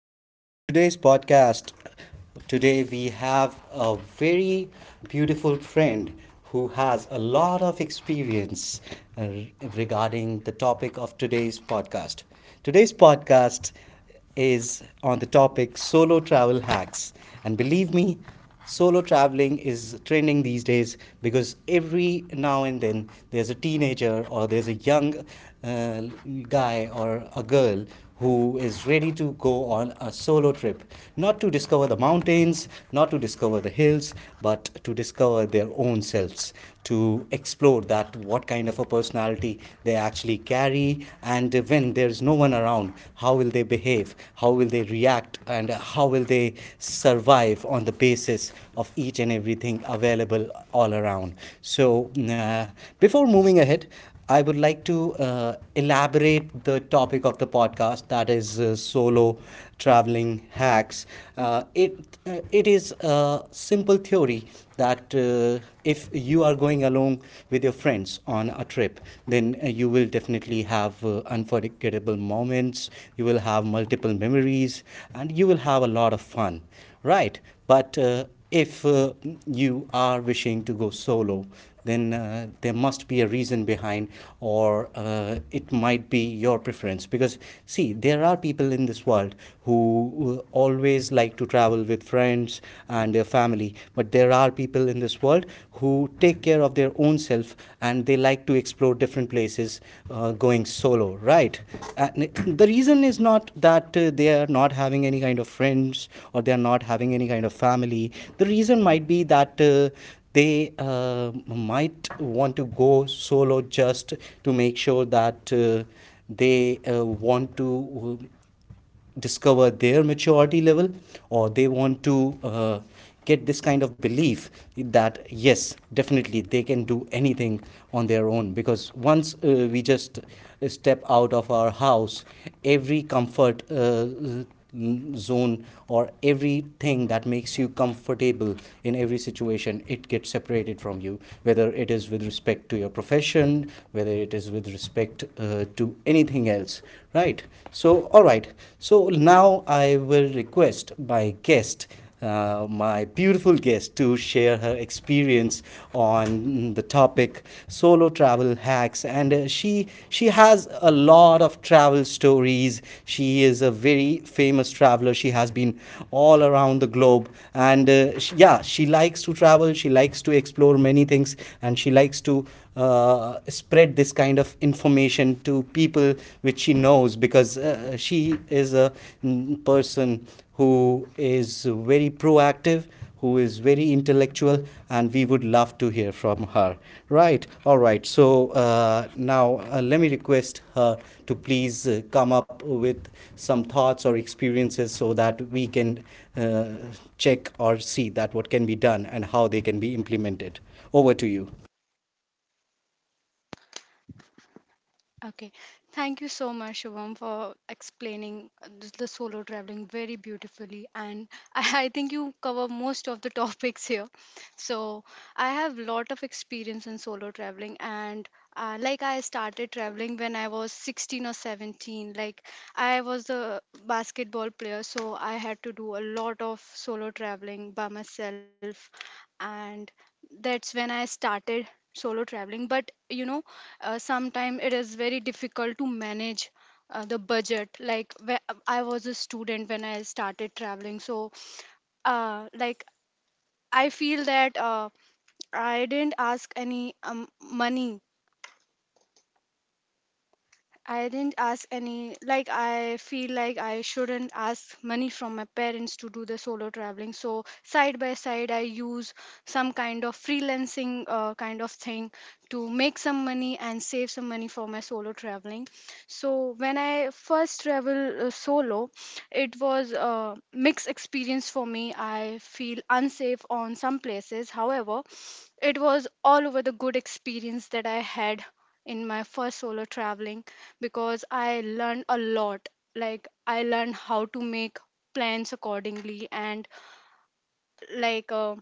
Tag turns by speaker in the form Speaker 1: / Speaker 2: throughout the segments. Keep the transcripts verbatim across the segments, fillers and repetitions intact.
Speaker 1: Welcome to today's podcast. Today we have a very beautiful friend who has a lot of experience uh, regarding the topic of today's podcast. Today's podcast is on the topic solo travel hacks. And believe me, solo traveling is trending these days because every now and then there's a teenager or there's a young uh, guy or a girl who is ready to go on a solo trip, not to discover the mountains, not to discover the hills, but to discover their own selves, to explore that what kind of a personality they actually carry, and when there's no one around how will how will they behave, how will they react, and how will they survive on the basis of each and everything available all around. So, uh, before moving ahead, I would like to uh, elaborate the topic of the podcast, that is uh, solo traveling hacks. Uh, it uh, it is a simple theory that uh, if you are going along with your friends on a trip, then uh, you will definitely have uh, unforgettable moments, you will have multiple memories, and you will have a lot of fun, right? But uh, if uh, you are wishing to go solo, then uh, there must be a reason behind, or uh, it might be your preference. Because, see, there are people in this world who uh, always like to travel with friends and their family, but there are people in this world who take care of their own self and they like to explore different places uh, going solo, right? And the reason is not that uh, they are not having any kind of friends or they are not having any kind of family. The reason might be that uh, they uh, might want to go solo just to make sure that uh, they uh, want to uh, discover their maturity level, or they want to uh, get this kind of belief that yes, definitely they can do anything on their own, because once uh, we just step out of our house, every comfort uh, zone or everything that makes you comfortable in every situation, it gets separated from you, whether it is with respect to your profession, whether it is with respect uh, to anything else, right? So all right. So now I will request my guest, uh, my beautiful guest, to share her experience on the topic solo travel hacks, and uh, she she has a lot of travel stories. She is a very famous traveler. She has been all around the globe, and uh, sh yeah she likes to travel, she likes to explore many things, and she likes to uh, spread this kind of information to people which she knows, because uh, she is a mm, person who is very proactive, who is very intellectual, and we would love to hear from her. Right, all right. So uh, now uh, let me request her to please uh, come up with some thoughts or experiences, so that we can uh, check or see that what can be done and how they can be implemented. Over to you.
Speaker 2: Okay, thank you so much, Shivam, for explaining uh, th- the solo traveling very beautifully. And I, I think you cover most of the topics here. So I have lot of experience in solo traveling, and uh, like I started traveling when I was sixteen or seventeen. Like I was a basketball player, so I had to do a lot of solo traveling by myself, and that's when I started solo traveling. But you know uh, sometimes it is very difficult to manage uh, the budget like where I was a student when I started traveling so uh, like I feel that uh, I didn't ask any um, money. I didn't ask any, like, I feel like I shouldn't ask money from my parents to do the solo traveling. So, side by side, I use some kind of freelancing uh, kind of thing to make some money and save some money for my solo traveling. So, when I first travel uh, solo, it was a mixed experience for me. I feel unsafe on some places. However, it was all over the good experience that I had in my first solo traveling because I learned a lot. Like, I learned how to make plans accordingly, and like, uh,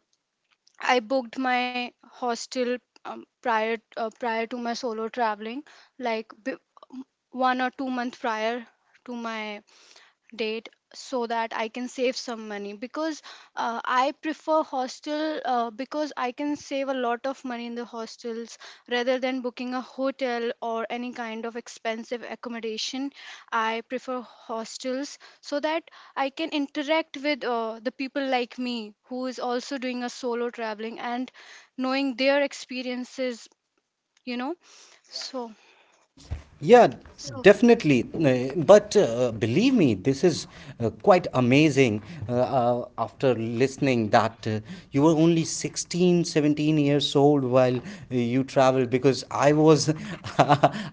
Speaker 2: I booked my hostel um, prior uh, prior to my solo traveling, like b- one or two months prior to my date so that I can save some money because uh, I prefer hostel uh, because I can save a lot of money in the hostels rather than booking a hotel or any kind of expensive accommodation. I prefer hostels so that I can interact with uh, the people like me who is also doing a solo traveling and knowing their experiences, you know. So,
Speaker 1: Yeah,
Speaker 2: so
Speaker 1: definitely. Uh, But uh, believe me, this is uh, quite amazing uh, uh, after listening that uh, you were only sixteen, seventeen years old while uh, you traveled, because I was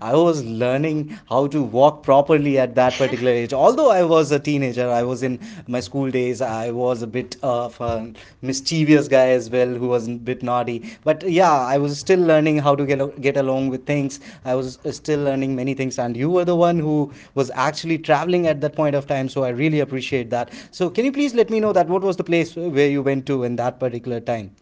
Speaker 1: I was learning how to walk properly at that particular age. Although I was a teenager, I was I was in my school days. I was a bit of a mischievous guy as well, who was a bit naughty. But yeah, I was still learning how to get al- get along with things. I was uh, still learning many things, and you were the one who was actually traveling at that point of time. So I really appreciate that. So can you please let me know that what was the place where you went to in that particular time?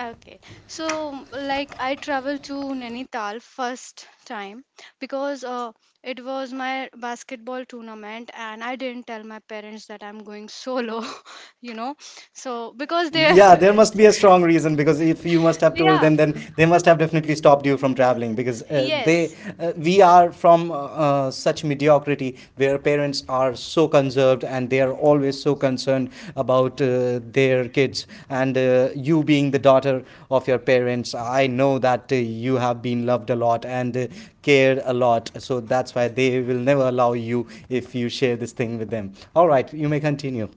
Speaker 2: Okay, so like I traveled to Nainital first time because uh, it was my basketball tournament and I didn't tell my parents that I'm going solo, you know. So because they,
Speaker 1: Yeah, there must be a strong reason, because if you must have told
Speaker 2: yeah,
Speaker 1: them, then they must have definitely stopped you from traveling because uh, they,
Speaker 2: yes.
Speaker 1: uh, we are from uh, uh, such mediocrity where parents are so conserved and they are always so concerned about uh, their kids. And uh, you, being the daughter of your parents, I know that uh, you have been loved a lot and uh, cared a lot. So that's why they will never allow you if you share this thing with them. All right, you may continue.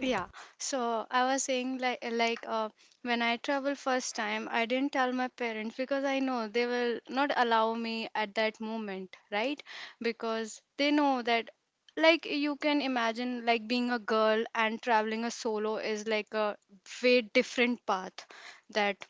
Speaker 2: Yeah, so I was saying like uh, like uh, when I traveled first time, I didn't tell my parents because I know they will not allow me at that moment, right? Because they know that like you can imagine like being a girl and traveling a solo is like a way different path that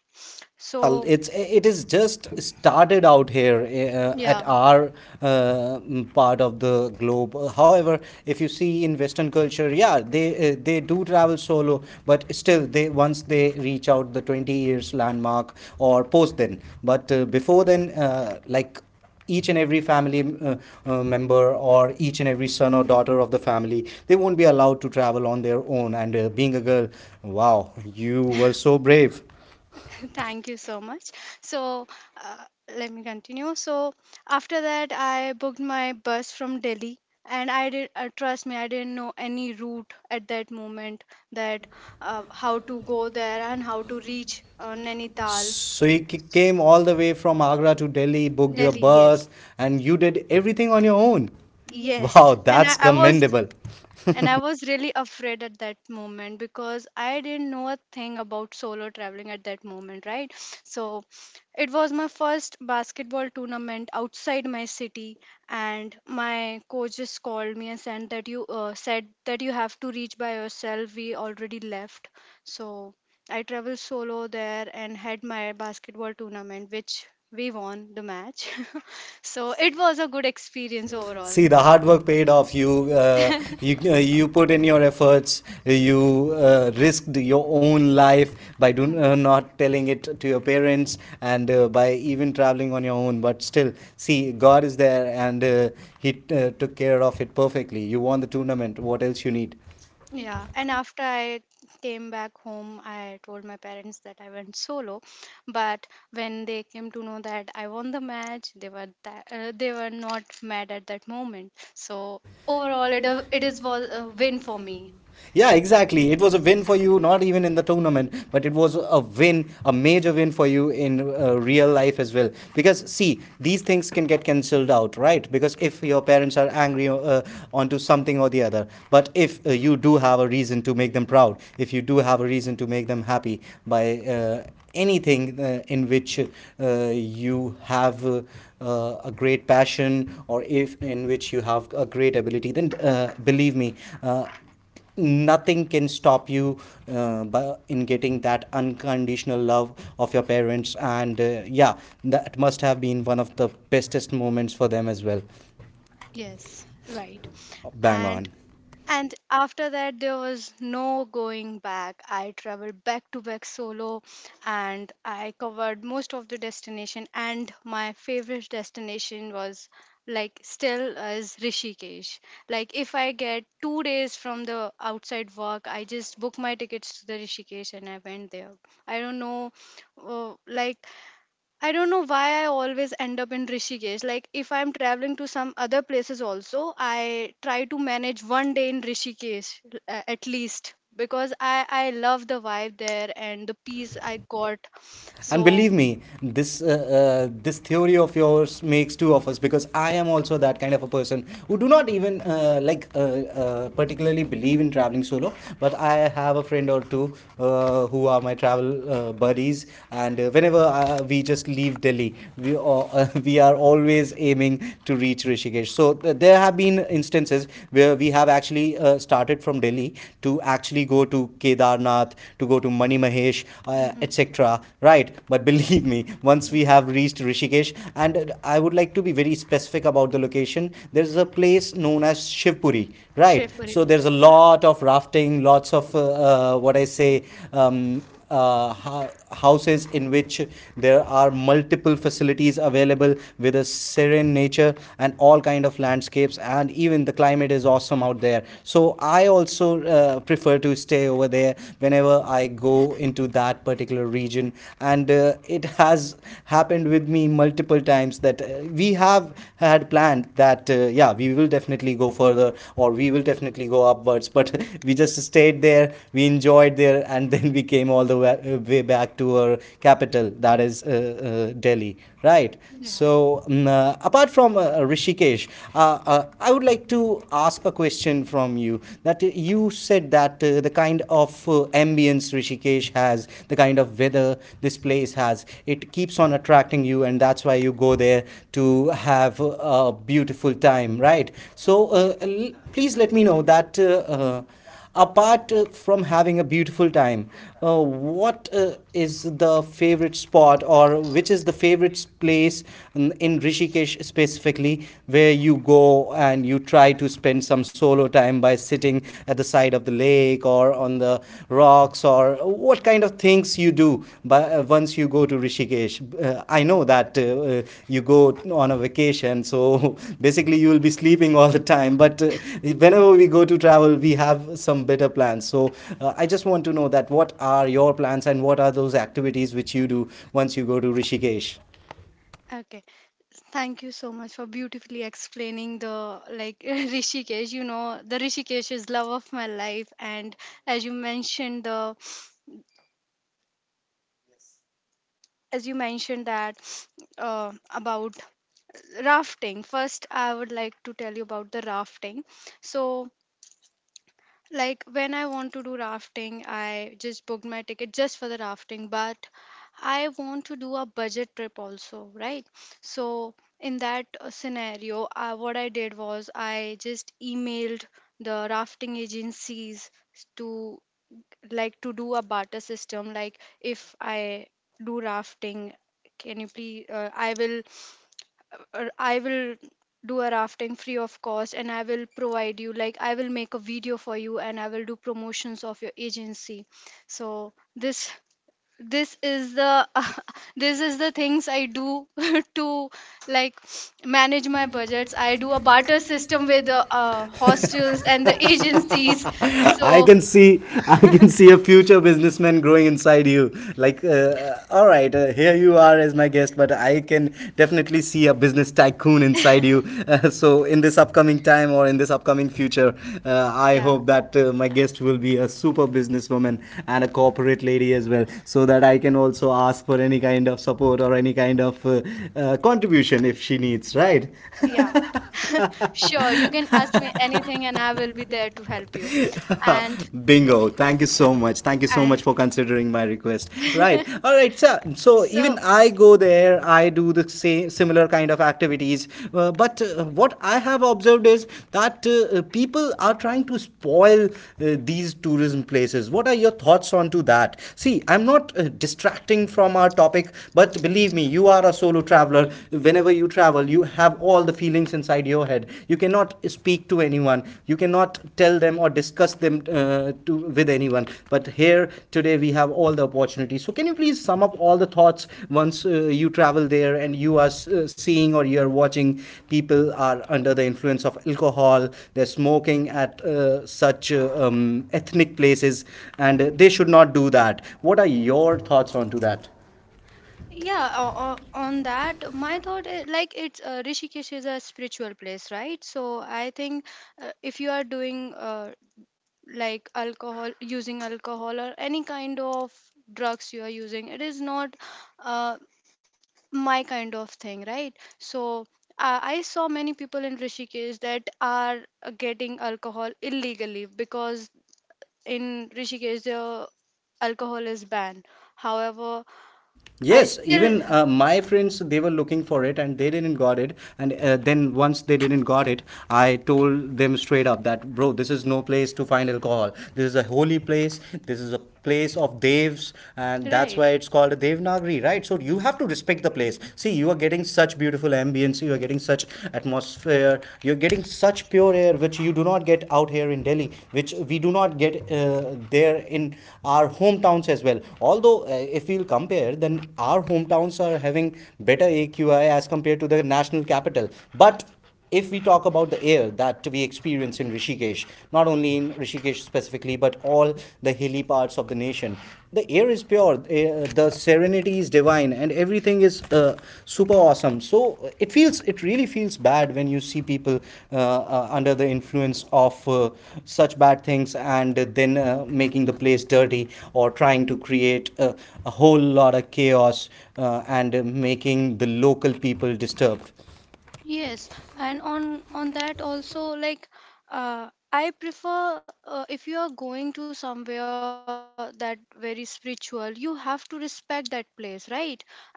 Speaker 1: Yeah,
Speaker 2: so
Speaker 1: it's it is just started out here uh, at
Speaker 2: yeah.
Speaker 1: our uh, mm, part of the globe. Uh, However, if you see in Western culture, yeah, they uh, they do travel solo, but still, they, once they reach out the twenty years landmark or post then. But uh, before then, uh, like each and every family uh, uh, member, or each and every son or daughter of the family, they won't be allowed to travel on their own, and uh, being a girl, wow, you were so brave.
Speaker 2: Thank you so much. So, uh, let me continue. So, after that, I booked my bus from Delhi, and I did uh, trust me, I didn't know any route at that moment that uh, how to go there and how to reach uh, Nainital.
Speaker 1: So you c- came all the way from Agra to Delhi, booked your
Speaker 2: Delhi. Yes,
Speaker 1: bus, and you did everything on your own.
Speaker 2: yes,
Speaker 1: Wow,
Speaker 2: and I,
Speaker 1: that's
Speaker 2: I was.
Speaker 1: commendable.
Speaker 2: And I was really afraid at that moment because I didn't know a thing about solo traveling at that moment, right? So it was my first basketball tournament outside my city, and my coach just called me and said that you uh, said that you have to reach by yourself. We already left, so I traveled solo there and had my basketball tournament, which we won the match. So it was a good experience overall.
Speaker 1: See, the hard work paid off. You uh, you uh, you put in your efforts. You uh, risked your own life by do,
Speaker 2: Hmm.
Speaker 1: uh, not telling it to your parents, and uh, by even traveling on your own. But still, see, God is there, and uh, He uh, took care of it perfectly. You won the tournament. What else you need?
Speaker 2: Yeah, and after I came back home, I told my parents that I went solo. But when they came to know that I won the match, they were that, uh, they were not mad at that moment. So overall, it uh, it is was a win for me.
Speaker 1: Yeah, exactly. It was a win for you, not even in the tournament, but it was a win, a major win for you in uh, real life as well. Because, see, these things can get cancelled out, right? Because if your parents are angry uh, onto something or the other, but if uh, you do have a reason to make them proud, if you do have a reason to make them happy by uh, anything uh, in which uh, you have uh, uh, a great passion, or if in which you have a great ability, then uh, believe me, uh, nothing can stop you uh, bu- in getting that unconditional love of your parents, and uh, yeah, that must have been one of the bestest moments for them as well.
Speaker 2: Yes, right.
Speaker 1: Bang
Speaker 2: And
Speaker 1: on.
Speaker 2: And after that, there was no going back. I traveled back to back solo and I covered most of the destination. And my favorite destination was like still is Rishikesh. Like, if I get two days from the outside work, I just book my tickets to the Rishikesh and I went there. I don't know, uh, like, I don't know why I always end up in Rishikesh. Like if I'm traveling to some other places also, I try to manage one day in Rishikesh l- a- at least because I I love the vibe there and the peace I got.
Speaker 1: And
Speaker 2: So
Speaker 1: believe me, this uh, uh, this theory of yours makes two of us, because I am also that kind of a person who do not even uh, like uh, uh, particularly believe in traveling solo. But I have a friend or two uh, who are my travel uh, buddies, and uh, whenever uh, we just leave Delhi, we all, uh, we are always aiming to reach Rishikesh. So th- there have been instances where we have actually uh, started from Delhi to actually go to Kedarnath, to go to Mani Mahesh, uh, et cetera. Right? But believe me, once we have reached Rishikesh, and uh, I would like to be very specific about the location, there's a place known as Shivpuri, right?
Speaker 2: Chef, Shiv Puri
Speaker 1: So there's a
Speaker 2: Nigam.
Speaker 1: lot of rafting, lots of uh, uh, what I say, um, uh, houses in which there are multiple facilities available with a serene nature and all kind of landscapes, and even the climate is awesome out there. So I also uh, prefer to stay over there whenever I go into that particular region, and uh, it has happened with me multiple times that uh, we have had planned that uh, yeah, we will will definitely go further, or we will definitely go upwards, but we just stayed there, we enjoyed there, and then we came all the way, uh, way back to our capital, that is uh, uh, Delhi, right?
Speaker 2: Yeah.
Speaker 1: So mm, uh, apart from uh, Rishikesh, uh, uh, I would like to ask a question from you, that uh, you said that uh, the kind of uh, ambience Rishikesh has, the kind of weather this place this place has, it keeps on attracting you, and that's why you go there to have a beautiful time, right? So uh, l- please let me know that. Uh, uh, apart uh, from having a beautiful time, uh, what uh, is the favorite spot, or which is the favorite s- place in in Rishikesh specifically where you go, and you try to spend some solo time time by sitting at the side of the lake or on the rocks, or what kind of things you do by, uh, once you go to Rishikesh. Uh, I know that uh, uh, you go on a vacation, so basically you will be sleeping all the time. But uh, whenever we go to travel, we have some better plans. So uh, I just want to know that what are your plans and what are those activities which you do once you go to Rishikesh?
Speaker 2: Okay. Thank you so much for beautifully explaining the like Rishikesh. You know, the Rishikesh is love of my life, and as you mentioned the as you mentioned that uh, about rafting. First, I would like to tell you about the rafting. So like when I want to do rafting, I just booked my ticket just for the rafting, but I want to do a budget trip also, right? So in that uh, scenario, uh, what I did was I just emailed the rafting agencies to like to do a barter system. Like if I do rafting, can you please? Uh, I will or I will do a rafting free of cost and I will provide you like I will make a video for you and I will do promotions of your agency. So this this is the this is the things I do to like manage my budgets. I do a barter system with the uh, hostels and the agencies.
Speaker 1: I
Speaker 2: So
Speaker 1: can see, I can see a future businessman growing inside you. Like, uh, uh, all right, uh, here you are as my guest, but I can definitely see a business tycoon in inside you. Uh, so, in this upcoming time or in this upcoming future, uh, I
Speaker 2: yeah.
Speaker 1: hope that uh, my guest will be a super businesswoman and a corporate lady as well, so that I can also ask for any kind of support or any kind of uh, uh, contribution if she needs, right?
Speaker 2: Yeah, sure. You can ask me anything and I will be there to help you.
Speaker 1: Right.
Speaker 2: And,
Speaker 1: Bingo. Thank you so much. Thank you so
Speaker 2: and,
Speaker 1: much for considering my request. Right. All right. So, so even
Speaker 2: so,
Speaker 1: I go there, I do the same similar kind of activities. Uh, but uh, what I have observed is that uh, people are trying to spoil uh, these tourism places. What are your thoughts on to that? See, I'm not uh, distracting from our topic, but believe me, you are a solo traveler. Whenever you travel, you have all all the feelings inside your head. You cannot speak to anyone, you cannot tell them or discuss them uh, to with anyone. But here today we have all the opportunities, so can you please sum up all the thoughts once uh, you travel there and you are uh, seeing or you are watching people are under the influence of alcohol, they're smoking at uh, such uh, um, ethnic places, and uh, they should not do that? What are your thoughts onto that?
Speaker 2: yeah, o- o- on that, my thought is like it's uh, Rishikesh is a spiritual place, right? So, I think uh, if you are doing uh, like alcohol, using alcohol or any kind of drugs you are using, it is not Uh, my kind of thing right so uh, I saw many people in rishikesh that are uh, getting alcohol illegally because in rishikesh the alcohol is banned however I
Speaker 1: Yes,
Speaker 2: still
Speaker 1: even uh, my friends, they were looking for it and they didn't got it. And uh, then once they didn't got it, I told them straight up that bro, this is no place to find alcohol. This is a holy place. This is a place of devs, and that's
Speaker 2: right.
Speaker 1: why it's called a Devnagri, right? So you have to respect the place. See, you are getting such beautiful ambience. You are getting such atmosphere. You're getting feel such pure air, which you do not get out here in Delhi, which we do not get uh, there in our hometowns as well. Although uh, if we'll compare, then our hometowns are having better A Q I as compared to the national capital. But if we talk about the air that we experience in Rishikesh, not only in Rishikesh specifically, but all the hilly parts of the nation, the air is pure, uh, the serenity is divine, and everything is uh, super awesome. So it feels it really feels bad when you see people uh, uh, under the influence of uh, such bad things, and then uh, making the place dirty or trying to create a, a whole lot of chaos, uh, and making the local people disturbed.
Speaker 2: Yes, and on on that also like uh, I prefer uh, if you are going to somewhere that very spiritual, you have to respect that place, right? And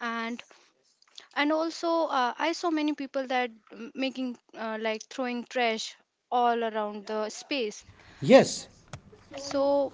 Speaker 2: and also uh, I saw many people that m- making uh, like throwing trash all around the space.
Speaker 1: Yes.
Speaker 2: So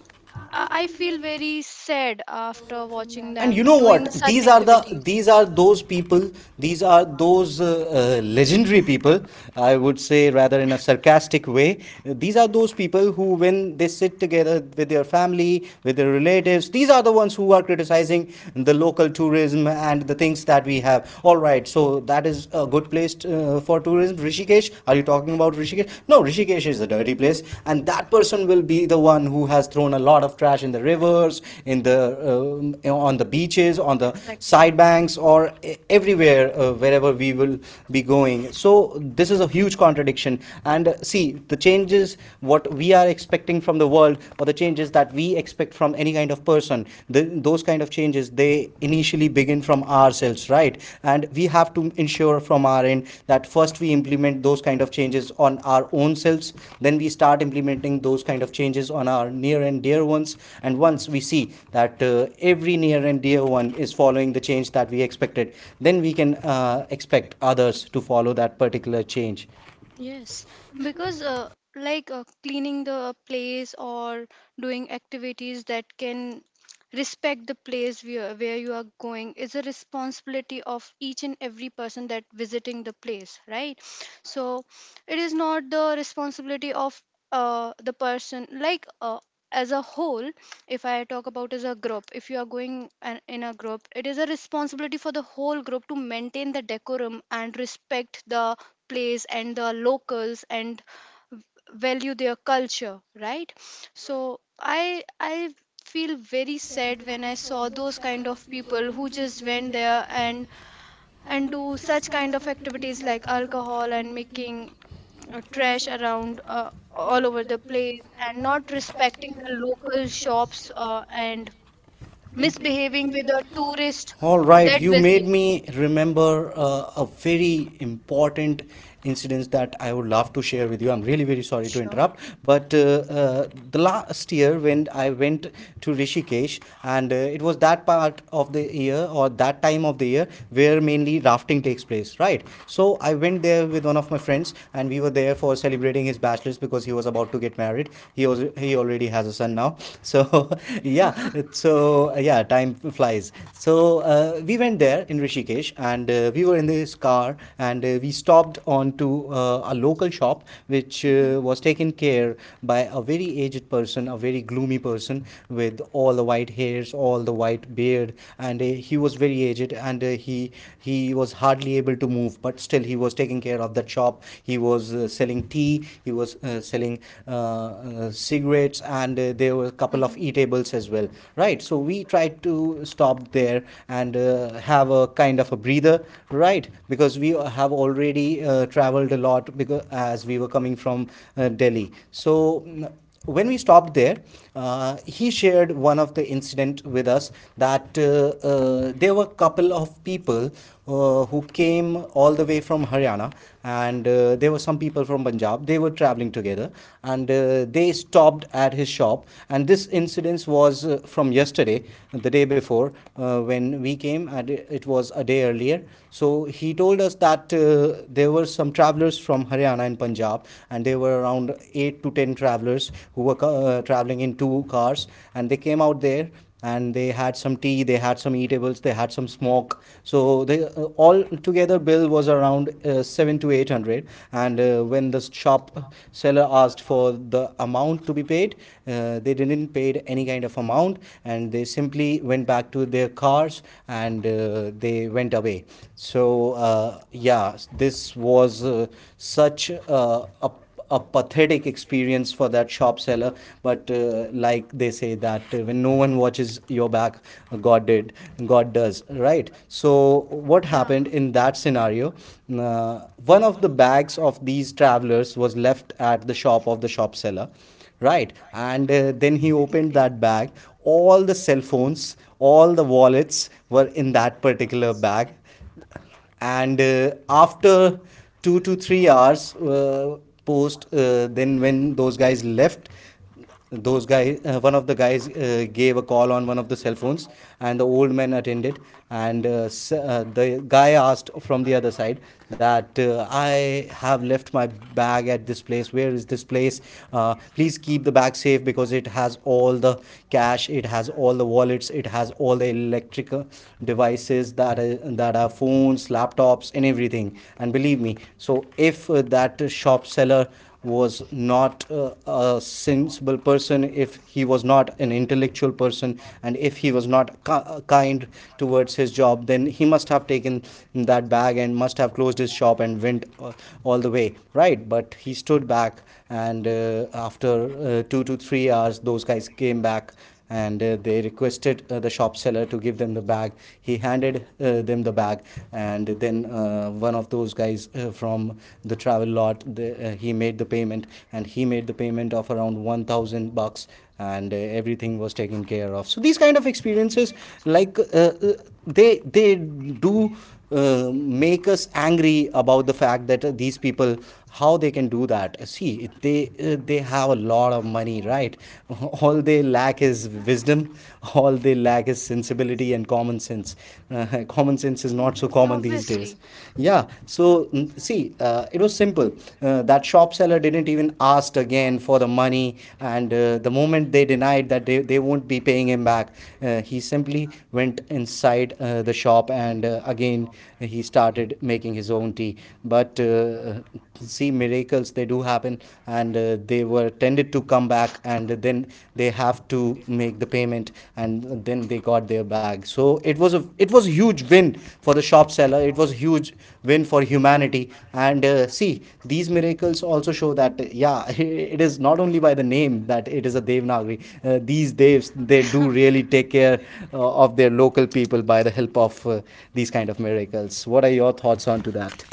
Speaker 2: I I feel very sad after watching
Speaker 1: And you
Speaker 2: them
Speaker 1: know what,
Speaker 2: doing such
Speaker 1: these are the
Speaker 2: activities.
Speaker 1: these are those people, these are those uh, uh, legendary people, I would say, rather in a sarcastic way. These are those people who, when they sit together with their family, with their relatives, these are the ones who are criticizing the local tourism and the things that we have. All right. So that is a good place t- uh, for tourism. Rishikesh? Are you talking about Rishikesh? No, Rishikesh is a dirty place, and that person will be the one who has thrown a lot of trash in the rivers, in the um, on the beaches, on the
Speaker 2: Exactly.
Speaker 1: side banks, or e- everywhere, uh, wherever we will be going. So this is a huge contradiction. And uh, see, the changes what we are expecting from the world, or the changes that we expect from any kind of person, th- those kind of changes, they initially begin from ourselves, right? And we have to ensure from our end that first we implement those kind of changes on our own selves, then we start implementing those kind of changes on our near and dear ones. And once we see that uh, every near and dear one is following the change that we expected, then we can uh, expect others to follow that particular change.
Speaker 2: Yes, because uh, like uh, cleaning the place or doing activities that can respect the place where, where you are going is a responsibility of each and every person that visiting the place, right? So it is not the responsibility of uh, the person like uh, as a whole if I talk about as a group if you are going an, in a group it is a responsibility for the whole group to maintain the decorum and respect the place and the locals and v- value their culture right so i i feel very sad when I saw those kind of people who just went there and and do such kind of activities like alcohol and making uh, trash around uh, all over the place and not respecting the local shops uh, and misbehaving with the tourist
Speaker 1: All right,
Speaker 2: that
Speaker 1: you
Speaker 2: visit.
Speaker 1: made me remember uh, a very important incident that I would love to share with you. I'm really very sorry to
Speaker 2: Sure.
Speaker 1: interrupt, but uh, uh, the last year when I went to Rishikesh, and uh, it was that part of the year or that time of the year where mainly rafting takes place, right? So I went there with one of my friends, and we were there for celebrating his bachelor's because he was about to get married. He was he already has a son now, so yeah. So uh, yeah, time flies. So uh, we went there in Rishikesh, and uh, we were in this car, and uh, we stopped on to uh, a local shop, which
Speaker 2: Hmm.
Speaker 1: uh, was taken care by a very aged person, a very gloomy person with all the white hairs, all the white beard. And uh, he was very aged, and uh, he he was hardly able to move, but still he was taking care of that shop. He was uh, selling tea, he was uh, selling uh, uh, cigarettes, and uh, there were a couple of of
Speaker 2: Hmm.
Speaker 1: eatables as well, right? So we tried to stop there and uh, have a kind of a breather, right? Because we have already uh, traveled a lot, because as we were coming from uh, Delhi. So mm, when we stopped there, uh, he shared one of the incident with us that uh, uh, there were a couple of people uh, who came all the way from Haryana, and uh, there were some people from Punjab. They were traveling together, and uh, they stopped at his shop. And this incident was uh, from yesterday, the day before, uh, when we came. And it was a day earlier. So he told us that uh, there were some travelers from Haryana and Punjab, and they were around eight to ten travelers who were uh, traveling in two cars, and they came out there, and they had some tea, they had some eatables, they had some smoke. So they, uh, all together bill was around uh, seven to eight hundred, and uh, when the shop seller asked for the amount to be paid, uh, they didn't pay any kind of amount, and they simply went back to their cars, and uh, they went away. So uh, yeah, this was uh, such uh, a a pathetic experience for that shop seller. But uh, like they say that uh, when no one watches your back, uh, god did god does, right? So what
Speaker 2: Yeah.
Speaker 1: happened in that scenario? Uh, one of the bags of these travelers was left at the shop of the shop seller, right? And uh, then he opened that bag. All the cell phones, all the wallets were in that particular bag. And uh, after two to three hours uh, post, uh, then when those guys left, those guys uh, one of the guys uh, gave a call on one of the cell phones, and the old man attended. And uh, s- uh, the guy asked from the other side that uh, I have left my bag at this place. Where is this place? Uh, please keep the bag safe because it has all the cash, it has all the wallets, it has all the electric electrical devices, that are, that are phones, laptops, and everything. And believe me, so if uh, that shop seller was not uh, a sensible person, if he was not an intellectual person, and if he was not kind towards his job, then he must have taken that bag and must have closed his shop and went uh, all the way, right? But he stood back, and uh, after uh, two to three hours, those guys came back, and uh, they requested uh, the shop seller to give them the bag. He handed uh, them the bag, and then uh, one of those guys uh, from the travel lot, the, uh, he made the payment, and he made the payment of around one thousand bucks, and uh, everything was taken care of. So these kind of experiences, like. Uh, uh, they they do uh, make us angry about the fact that uh, these people, how they can do that. Uh, see, they uh, they have a lot of money, right? All they lack is wisdom, all they lack is sensibility and common sense. Uh, common sense is not
Speaker 2: Okay.
Speaker 1: so common these
Speaker 2: Obviously.
Speaker 1: days. Yeah.
Speaker 2: Yeah.
Speaker 1: So mm, see, uh, it was simple, uh, that that shop seller didn't even ask again for the money. And uh, the moment they denied that they, they won't be paying him back, uh, he simply went inside uh, the shop, and uh, again he started making his own tea. But uh, see, miracles they do happen, and uh, they were tended to come back, and then they have to make the payment, and then they got their bag. So it was a it was a huge win for the shop seller. It was a huge win for humanity. And uh, see, these miracles also show that uh, yeah, it is not only by the name that it is a devanagari. Uh, these devs, they do really take care uh, of their local people by the help of uh, these kind of miracles. What are your thoughts on to that?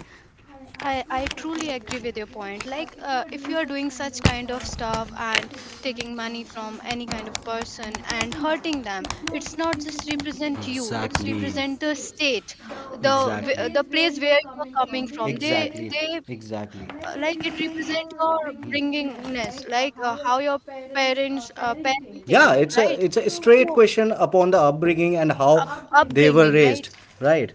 Speaker 2: I, I truly agree with your point. Like, uh, if you are doing such kind of stuff and taking money from any kind of person and hurting them, it's not just represent you. It's represent the state, the w- the place where you are coming from. They they
Speaker 1: Exactly.
Speaker 2: uh, like it represent your bringingness, like uh, how your parents uh,
Speaker 1: Yeah,
Speaker 2: parenting,
Speaker 1: it's
Speaker 2: right?
Speaker 1: a it's straight
Speaker 2: So
Speaker 1: question upon the upbringing and how
Speaker 2: up,
Speaker 1: they were
Speaker 2: upbringing, right?
Speaker 1: raised, right?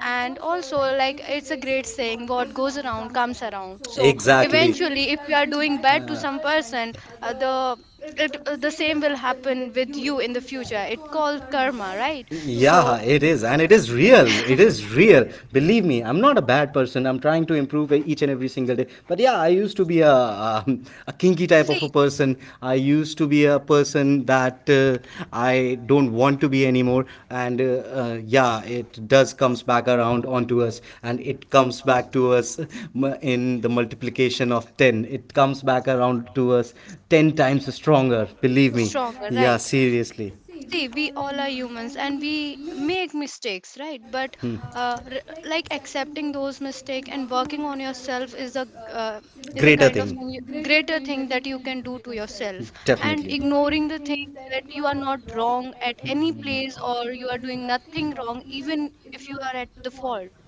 Speaker 2: And also like it's a great saying what goes around comes around so eventually if you are doing bad to some person uh, the it, uh, the same will happen with you in the future it called karma
Speaker 1: So,
Speaker 2: right
Speaker 1: yeah,
Speaker 2: so
Speaker 1: it is. And it is real. It is real. Believe me, I'm not a bad person. I'm trying to improve each and every single day. But yeah, I used to be a, be a, um, a kinky type of a
Speaker 2: see
Speaker 1: person. I used to be a person that uh, I don't want to be anymore. And uh, uh, yeah, it does comes back around onto us, and it comes back to us m- in the multiplication of ten. It comes back around to us ten times stronger. Believe me.
Speaker 2: stronger
Speaker 1: Yeah,
Speaker 2: right
Speaker 1: seriously.
Speaker 2: see we all are humans and we make mistakes right but uh, r- like accepting those mistakes and working on yourself is a uh, is a kind of thing you, greater thing that you can do to yourself and ignoring the thing that you are not wrong at any place or you are doing nothing wrong even if you are at the fault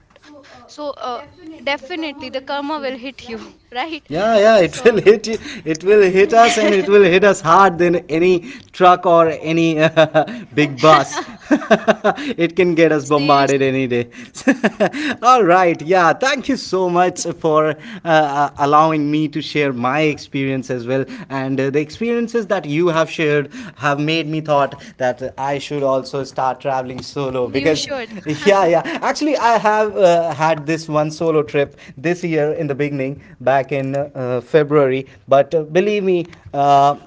Speaker 2: so uh, definitely the karma will hit you right
Speaker 1: Yeah, yeah, it will
Speaker 2: so
Speaker 1: hit you. It will hit us, and it will hit us hard than any truck or any uh, big bus. It can get us bombarded any
Speaker 2: seriously,
Speaker 1: day. All right, yeah, thank you so much for uh, uh, allowing me to share my experience experience as well. And uh, the experiences that you have shared have made me thought that uh, I should also start traveling solo because,
Speaker 2: you should.
Speaker 1: yeah, yeah. Actually, I have uh, had this one solo trip this year in the beginning, back in uh, February. But uh, believe me, uh,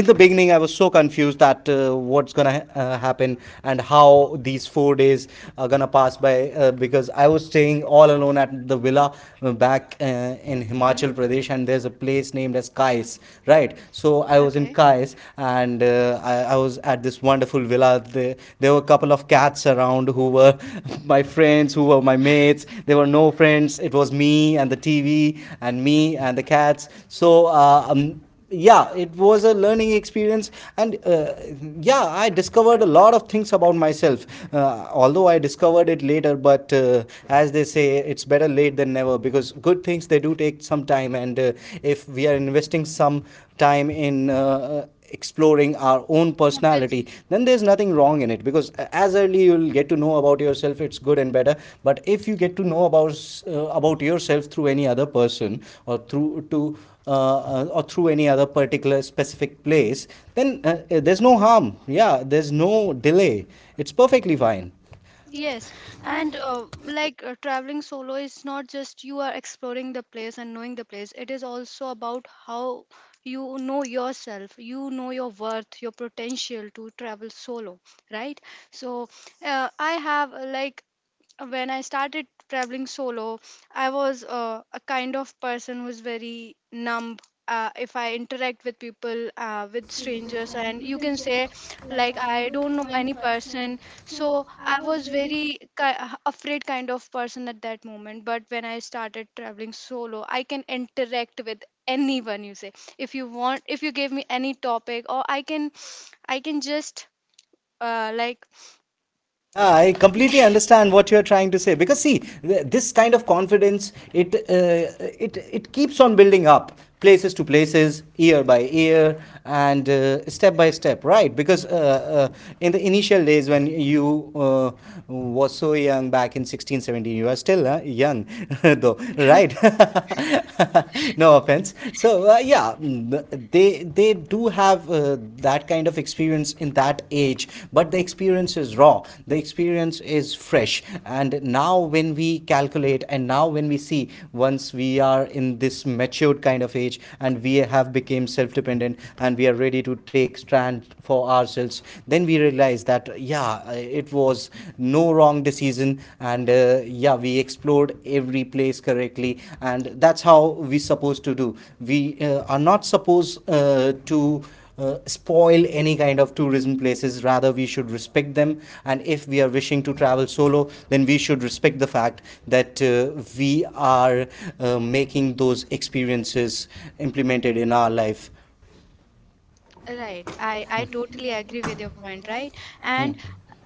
Speaker 1: in the beginning, I was so confused that uh, what's gonna uh, happen and how these four days are gonna pass by, uh, because I was staying all alone at the villa, uh, back uh, in Himachal
Speaker 2: Mhm.
Speaker 1: Pradesh, and there's a place named as Kais. Right, so I was in
Speaker 2: Okay.
Speaker 1: Kais, and uh, I, I was at this wonderful villa. there, there were a couple of cats around who were my friends, who were my mates. There were no friends, it was me and the TV and me and the cats. So uh, um, yeah, it was a learning experience. And uh, yeah, I discovered a lot of things about myself. Uh, although I discovered it later, but uh, as they say, it's better late than never, because good things they do take some time. And uh, if we are investing some time in uh, exploring our own personality,
Speaker 2: Obviously.
Speaker 1: then there's nothing wrong in it. Because as early you'll get to know about yourself, it's good and better. But if you get to know about uh, about yourself through any other person or through to uh, uh, or through any other particular specific place, then uh, uh, there's no harm, yeah, there's no delay, it's perfectly fine.
Speaker 2: Yes, and uh, like uh, traveling solo is not just you are exploring the place and knowing the place. It is also about how you know yourself, you know your worth, your potential to travel solo, right? So uh, I have uh, like when I started traveling solo, I was uh, a kind of person who's very numb. Uh, if I interact with people, uh, with strangers, and you can say, like, I don't know any person. So I was very ki- afraid kind of person at that moment. But when I started traveling solo, I can interact with anyone. You say, if you want, if you give me any topic, or I can, I can just uh, like.
Speaker 1: Yeah, I completely understand what you are trying to say. Because see, th- this kind of confidence, it uh, it it keeps on building up places to places, year by year, and uh, step by step, right? Because uh, uh, in the initial days when you uh, was so young, back in sixteen seventeen, you are still uh, young though, right? No offense. So uh, uh, yeah, mm, they they do have uh, that kind of experience in that age, but the experience is raw, the experience is fresh. And now when we calculate and now when we see, once we are in this matured kind of age and we have become self-dependent and we are ready to take stand for ourselves, then we realize that yeah, it was no wrong along the season. And uh, yeah, we explored every place correctly, and that's how we supposed to do. We uh, are not supposed uh, to uh, spoil any kind of tourism places, rather we should respect them. And if we are wishing to travel solo, then we should respect the fact that uh, we are uh, making those experiences implemented in our life.
Speaker 2: Right. I, I totally agree with your point, right? And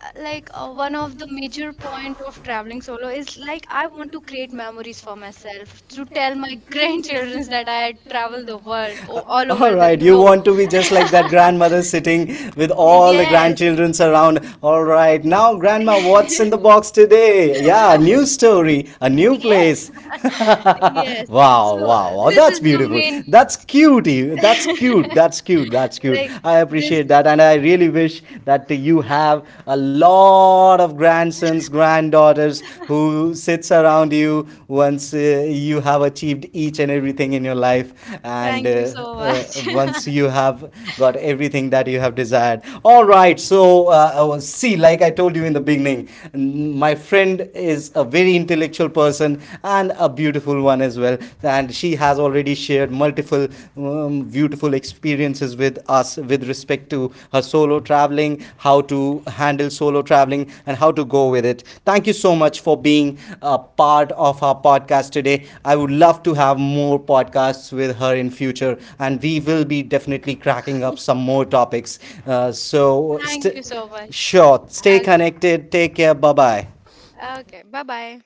Speaker 2: uh, like uh, one of the major point of traveling solo is like I want to create memories for myself to tell my grandchildren that I had traveled the world o- all over the globe.
Speaker 1: Be just like that grandmother sitting with
Speaker 2: Yes.
Speaker 1: grandchildren around. All right, now, grandma, in the box today? Yeah, a new story, a new
Speaker 2: Yes.
Speaker 1: place.
Speaker 2: Yes.
Speaker 1: Wow,
Speaker 2: So uh,
Speaker 1: wow, wow.
Speaker 2: this
Speaker 1: That's
Speaker 2: is the
Speaker 1: beautiful.
Speaker 2: main
Speaker 1: That's cute. you- That's cute. That's cute. That's cute.
Speaker 2: like
Speaker 1: I
Speaker 2: this
Speaker 1: appreciate that. And I really wish that you have a lot of grandsons, granddaughters who sits around you once uh, you have achieved each and everything in your life. And uh,
Speaker 2: thank you so
Speaker 1: uh,
Speaker 2: much.
Speaker 1: once you have got everything that you have desired. All right. So, uh, uh, see, like I told you in the beginning, n- my friend is a very intellectual person and a beautiful one as well. And she has already shared multiple um, beautiful experiences with us with respect to her solo traveling, how to handle solo traveling, and how to go with it. Thank you so much for being a part of our podcast today. I would love to have more podcasts with her in future, and we will be definitely cracking up some more topics. Uh, so,
Speaker 2: Thank you
Speaker 1: st-
Speaker 2: so much.
Speaker 1: sure, stay
Speaker 2: Okay.
Speaker 1: connected. Take care. Bye bye.
Speaker 2: Okay. Bye-bye.